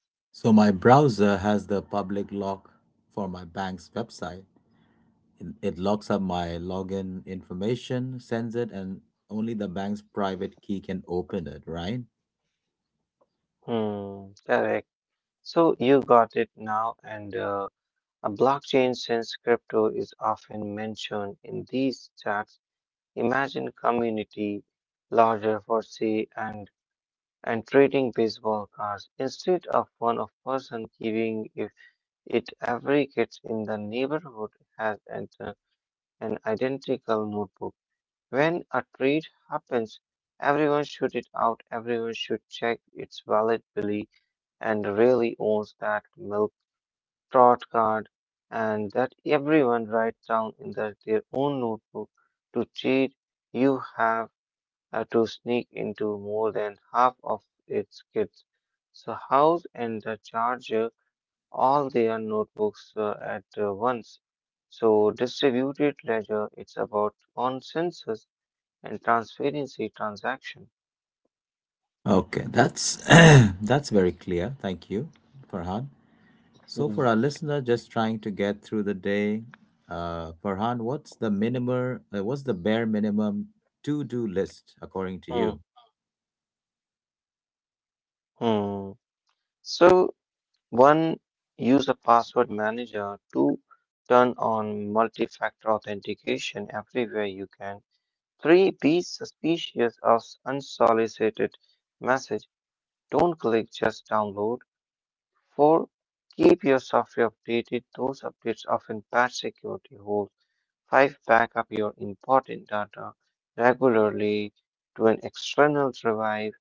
Speaker 1: So my browser has the public lock for my bank's website. It locks up my login information, sends it, and only the bank's private key can open it, right?
Speaker 2: Hmm, correct. So you got it now. And a blockchain, since crypto is often mentioned in these chats, imagine community larger for say and trading baseball cards instead of one of person giving if it every kid in the neighborhood has an identical notebook. When a trade happens, everyone should it out, everyone should check its valid belief and really owns that milk trot card and that everyone writes down in their own notebook to cheat you have to sneak into more than half of its kids. So House and the Charger, all their notebooks at once. So distributed ledger, it's about consensus and transparency transaction.
Speaker 1: Okay, that's that's very clear. Thank you, Farhan. So
Speaker 2: Hmm.
Speaker 1: for our listener just trying to get through the day, Farhan, what's the minimum? What's the bare minimum to-do list according to
Speaker 2: Hmm.
Speaker 1: you?
Speaker 2: Hmm. So one, use a password manager. Two, turn on multi-factor authentication everywhere you can. Three, be suspicious of unsolicited messages. Don't click, just download. 4. Keep your software updated. Those updates often patch security holes. 5. Backup your important data regularly to an external drive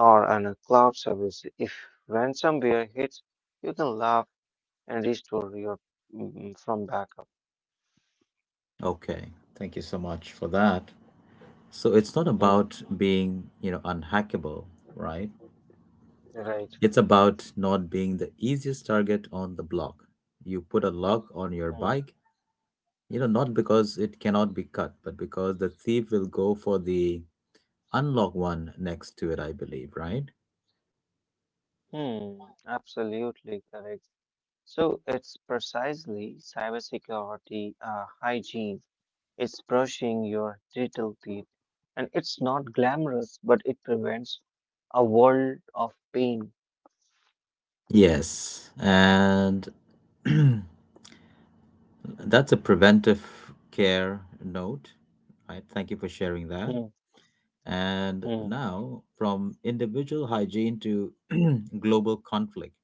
Speaker 2: or on a cloud service. If ransomware hits, you can laugh and restore your mm, mm, from backup.
Speaker 1: Okay, thank you so much for that. So it's not
Speaker 2: Hmm,
Speaker 1: about being, you know, unhackable, right?
Speaker 2: right.
Speaker 1: It's about not being the easiest target on the block. You put a lock on your
Speaker 2: Hmm,
Speaker 1: bike, you know, not because it cannot be cut, but because the thief will go for the unlock one next to it, I believe, right?
Speaker 2: hmm, absolutely correct. So it's precisely cybersecurity hygiene. It's brushing your little teeth. And it's not glamorous, but it prevents a world of pain.
Speaker 1: Yes, and that's a preventive care note. Right. Thank you for sharing that.
Speaker 2: Hmm,
Speaker 1: And
Speaker 2: hmm,
Speaker 1: now, from individual hygiene to global conflict,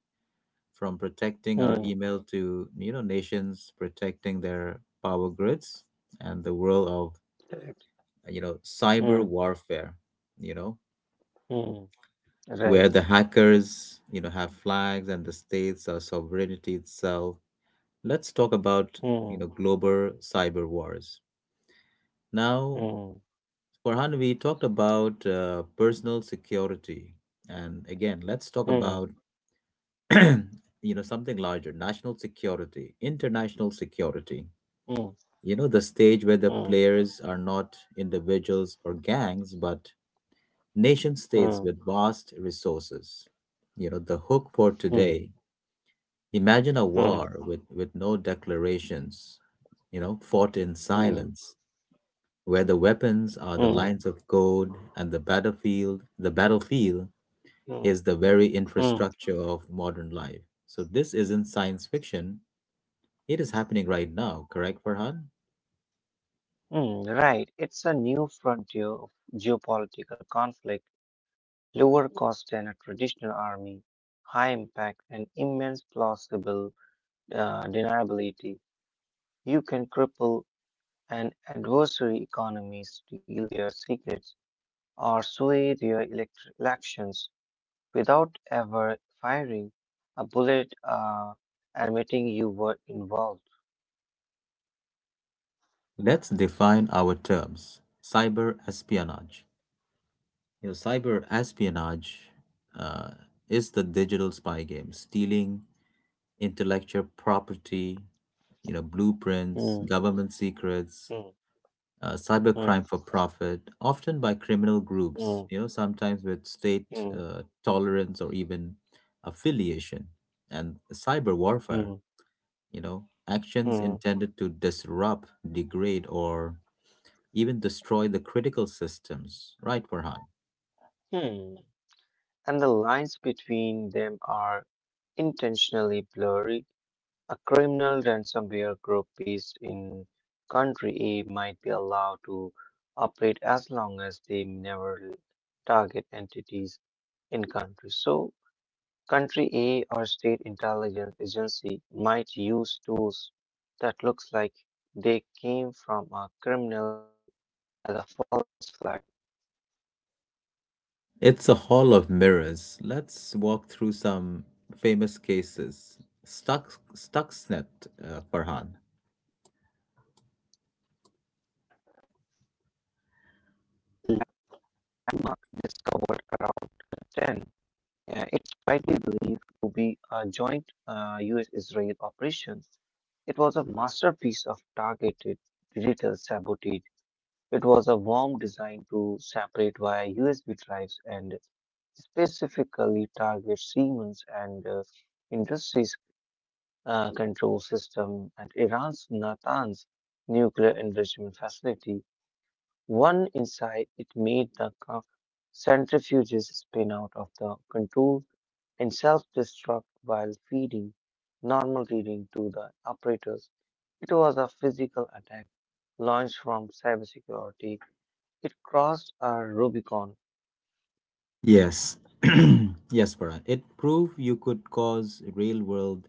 Speaker 1: from protecting our
Speaker 2: hmm,
Speaker 1: email to, you know, nations protecting their power grids, and the world of,
Speaker 2: correct.
Speaker 1: you know, cyber
Speaker 2: Hmm,
Speaker 1: warfare. You know,
Speaker 2: hmm, right.
Speaker 1: where the hackers, you know, have flags and the states are sovereignty itself, let's talk about, you
Speaker 2: Hmm,
Speaker 1: know, global cyber wars now.
Speaker 2: hmm,
Speaker 1: Farhan, we talked about personal security, and again let's talk
Speaker 2: hmm,
Speaker 1: about you know, something larger, national security, international security,
Speaker 2: hmm,
Speaker 1: you know, the stage where
Speaker 2: hmm,
Speaker 1: the players are not individuals or gangs but nation
Speaker 2: hmm,
Speaker 1: states with vast resources, you know. The hook for
Speaker 2: hmm,
Speaker 1: today: imagine a
Speaker 2: hmm, hmm,
Speaker 1: war with no declarations, you know, fought in silence, where the weapons are the
Speaker 2: hmm,
Speaker 1: lines of code and the battlefield
Speaker 2: hmm,
Speaker 1: is the very
Speaker 2: hmm,
Speaker 1: infrastructure of modern life. So this isn't science fiction. It is happening right now, correct, Farhan?
Speaker 2: hmm, right. It's a new frontier of geopolitical conflict, lower cost than a traditional army, high impact, and immense plausible deniability. You can cripple an adversary economy, steal their tickets, or sway their elections without ever firing a bullet or admitting you were involved.
Speaker 1: Let's define our terms. Cyber espionage. You know, cyber espionage uh, is the digital spy game, stealing intellectual property, you know, blueprints,
Speaker 2: Hmm,
Speaker 1: government secrets,
Speaker 2: hmm, hmm,
Speaker 1: cybercrime for profit, often by criminal groups,
Speaker 2: hmm,
Speaker 1: you know, sometimes with state
Speaker 2: hmm,
Speaker 1: tolerance or even affiliation, and cyber
Speaker 2: hmm,
Speaker 1: warfare, you know, actions
Speaker 2: hmm,
Speaker 1: intended to disrupt, degrade, or even destroy the critical systems. Right, Farhan?
Speaker 2: hmm. And the lines between them are intentionally blurry. A criminal ransomware group based in country A might be allowed to operate as long as they never target entities in country. So, country A or state intelligence agency might use tools that looks like they came from a criminal group as a false flag.
Speaker 1: It's a hall of mirrors. Let's walk through some famous cases. Stuck, Stuxnet, Farhan.
Speaker 2: The landmark discovered around 2010. It's widely believed to be a joint US-Israel operation. It was a masterpiece of targeted digital sabotage. It was a worm designed to separate via USB drives and specifically target Siemens and Industries Control System at Iran's Natanz nuclear enrichment facility. One insight it made the centrifuges spin out of the control and self-destruct while feeding normal reading to the operators. It was a physical attack launched from cybersecurity. It crossed a Rubicon.
Speaker 1: Yes. Yes, Farhan. It proved you could cause real world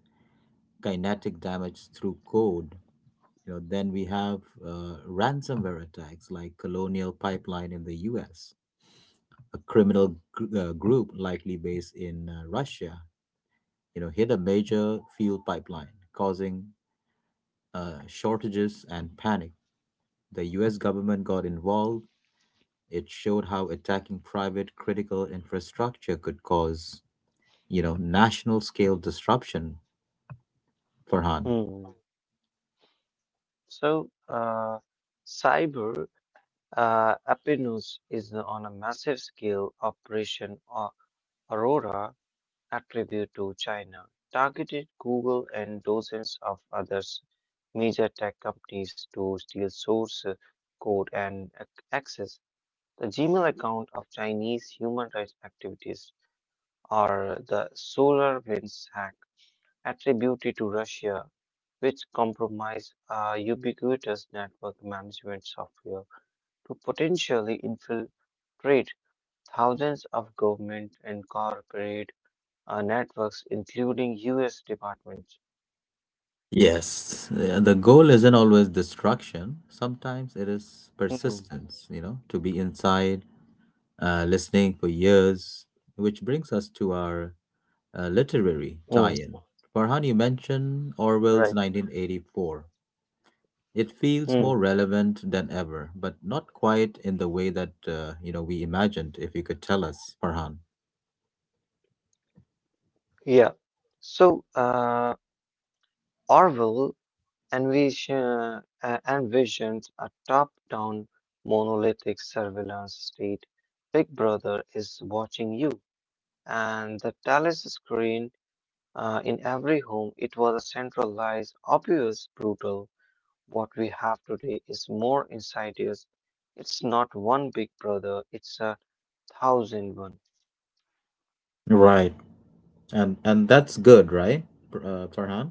Speaker 1: kinetic damage through code. You know, then we have ransomware attacks like Colonial Pipeline in the US, a criminal group likely based in Russia, you know, hit a major fuel pipeline, causing shortages and panic. The US government got involved. It showed how attacking private critical infrastructure could cause, you know, national scale disruption, Farhan.
Speaker 2: Hmm. So, cyber apennus is on a massive scale operation or Aurora attributed to China, targeted Google and dozens of other major tech companies to steal source code and access. The Gmail account of Chinese human rights activists are the solar winds hack attributed to Russia, which compromised a ubiquitous network management software to potentially infiltrate thousands of government and corporate networks, including U.S. departments.
Speaker 1: Yes. Yeah, the goal isn't always destruction. Sometimes it is
Speaker 2: Hmm.
Speaker 1: persistence, you know, to be inside, listening for years, which brings us to our literary tie
Speaker 2: Hmm.
Speaker 1: in. Farhan, you mentioned Orwell's
Speaker 2: Right.
Speaker 1: 1984. It feels more
Speaker 2: Hmm.
Speaker 1: relevant than ever, but not quite in the way that, you know, we imagined, if you could tell us, Farhan.
Speaker 2: Yeah. So, uh, Orwell and, uh, uh, visions a top down monolithic surveillance state. Big Brother is watching you. And the Talus screen in every home, it was a centralized, obvious, brutal. What we have today is more insidious. It's not one Big Brother, it's a thousand one.
Speaker 1: Right. And that's good, right, Farhan?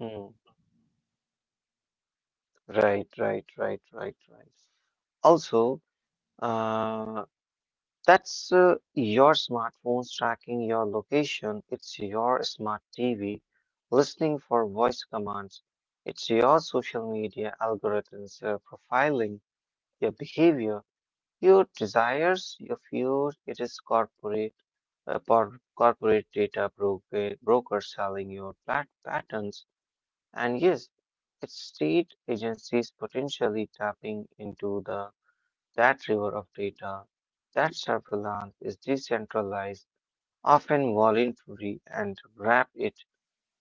Speaker 2: Hmm. Right, right, right, right, right. Also, uh. That's your smartphone's tracking your location. It's your smart TV listening for voice commands. It's your social media algorithms profiling your behavior, your desires, your views. It is corporate corporate data broker brokers selling your patterns. And yes, it's state agencies potentially tapping into the that river of data, that surveillance is decentralized, often voluntary, and wrap it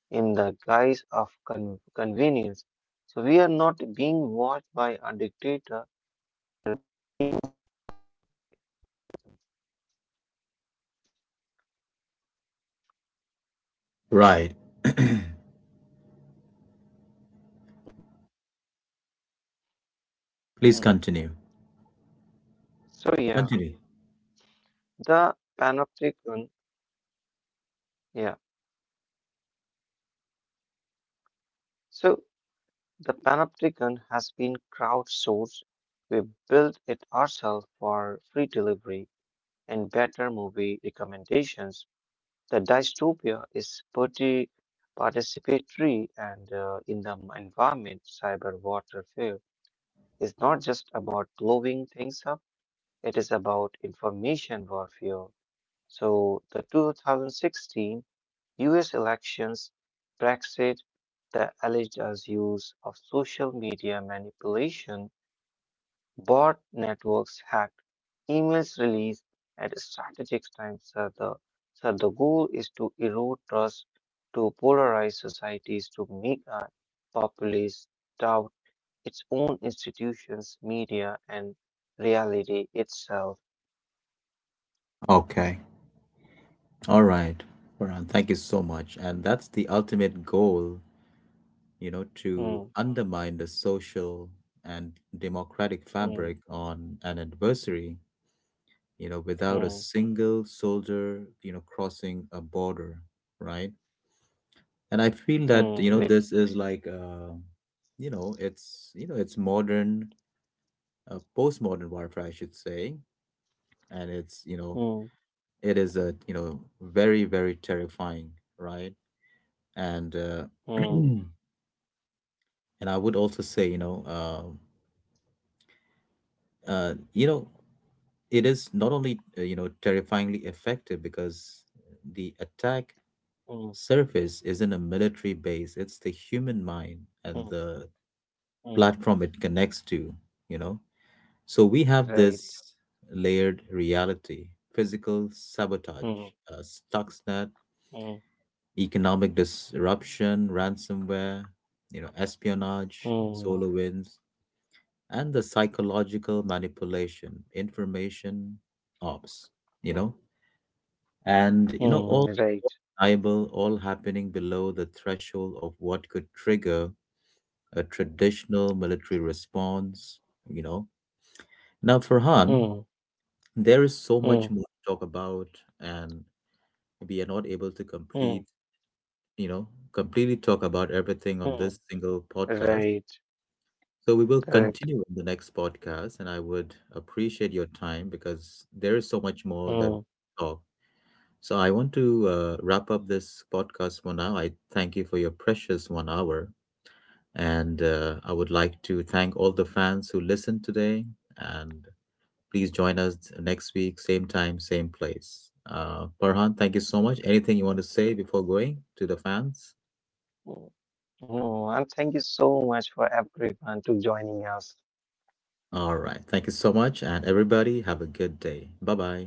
Speaker 2: in the guise of convenience. So we are not being watched by a dictator, we are being watched by
Speaker 1: Right.
Speaker 2: algorithm.
Speaker 1: Please continue.
Speaker 2: So yeah,
Speaker 1: Continue.
Speaker 2: the panopticon, yeah. So the panopticon has been crowdsourced. We built it ourselves for free delivery and better movie recommendations. The dystopia is participatory and in the environment, cyber warfare is not just about blowing things up, it is about information warfare. So the 2016 US elections, Brexit, the alleged use of social media manipulation, bot networks hacked emails released at strategic times. So the goal is to erode trust, to polarize societies, to make a populace doubt its own institutions, media, and reality itself.
Speaker 1: Okay. All right. Farhan, thank you so much. And that's the ultimate goal, you know, to
Speaker 2: Hmm,
Speaker 1: undermine the social and democratic fabric
Speaker 2: hmm,
Speaker 1: on an adversary, you know, without a
Speaker 2: hmm,
Speaker 1: single soldier, you know, crossing a border, right? And I feel that,
Speaker 2: hmm,
Speaker 1: you know,
Speaker 2: right.
Speaker 1: this is like, you know, it's modern, postmodern warfare, I should say. And it's, you know,
Speaker 2: Hmm,
Speaker 1: it is a, you know, very, very terrifying, right, and
Speaker 2: hmm,
Speaker 1: and I would also say, you know, you know, it is not only, you know, terrifyingly effective because the attack
Speaker 2: hmm,
Speaker 1: surface isn't a military base, it's the human mind and
Speaker 2: hmm,
Speaker 1: the
Speaker 2: hmm,
Speaker 1: platform it connects to, you know, so we have
Speaker 2: right.
Speaker 1: this layered reality: physical sabotage,
Speaker 2: Hmm,
Speaker 1: Stuxnet,
Speaker 2: hmm,
Speaker 1: economic disruption, ransomware, you know, espionage,
Speaker 2: hmm,
Speaker 1: solar winds, and the psychological manipulation, information ops, you know, and you know,
Speaker 2: hmm,
Speaker 1: all
Speaker 2: right.
Speaker 1: liable, all happening below the threshold of what could trigger a traditional military response, you know. Now, Farhan,
Speaker 2: Hmm,
Speaker 1: there is so
Speaker 2: hmm,
Speaker 1: much more to talk about, and we are not able to
Speaker 2: hmm,
Speaker 1: complete, you know, completely talk about everything on
Speaker 2: hmm,
Speaker 1: this single podcast.
Speaker 2: right.
Speaker 1: So we will
Speaker 2: Correct.
Speaker 1: continue in the next podcast, and I would appreciate your time because there is so much more that we
Speaker 2: Mm,
Speaker 1: can talk. So I want to wrap up this podcast for now. I thank you for your precious 1 hour, and I would like to thank all the fans who listened today. And please join us next week, same time, same place. Farhan, thank you so much. Anything you want to say before going to the fans?
Speaker 2: mm, mm. And thank you so much for everyone to joining us.
Speaker 1: All right. Thank you so much, and everybody have a good day. Bye bye.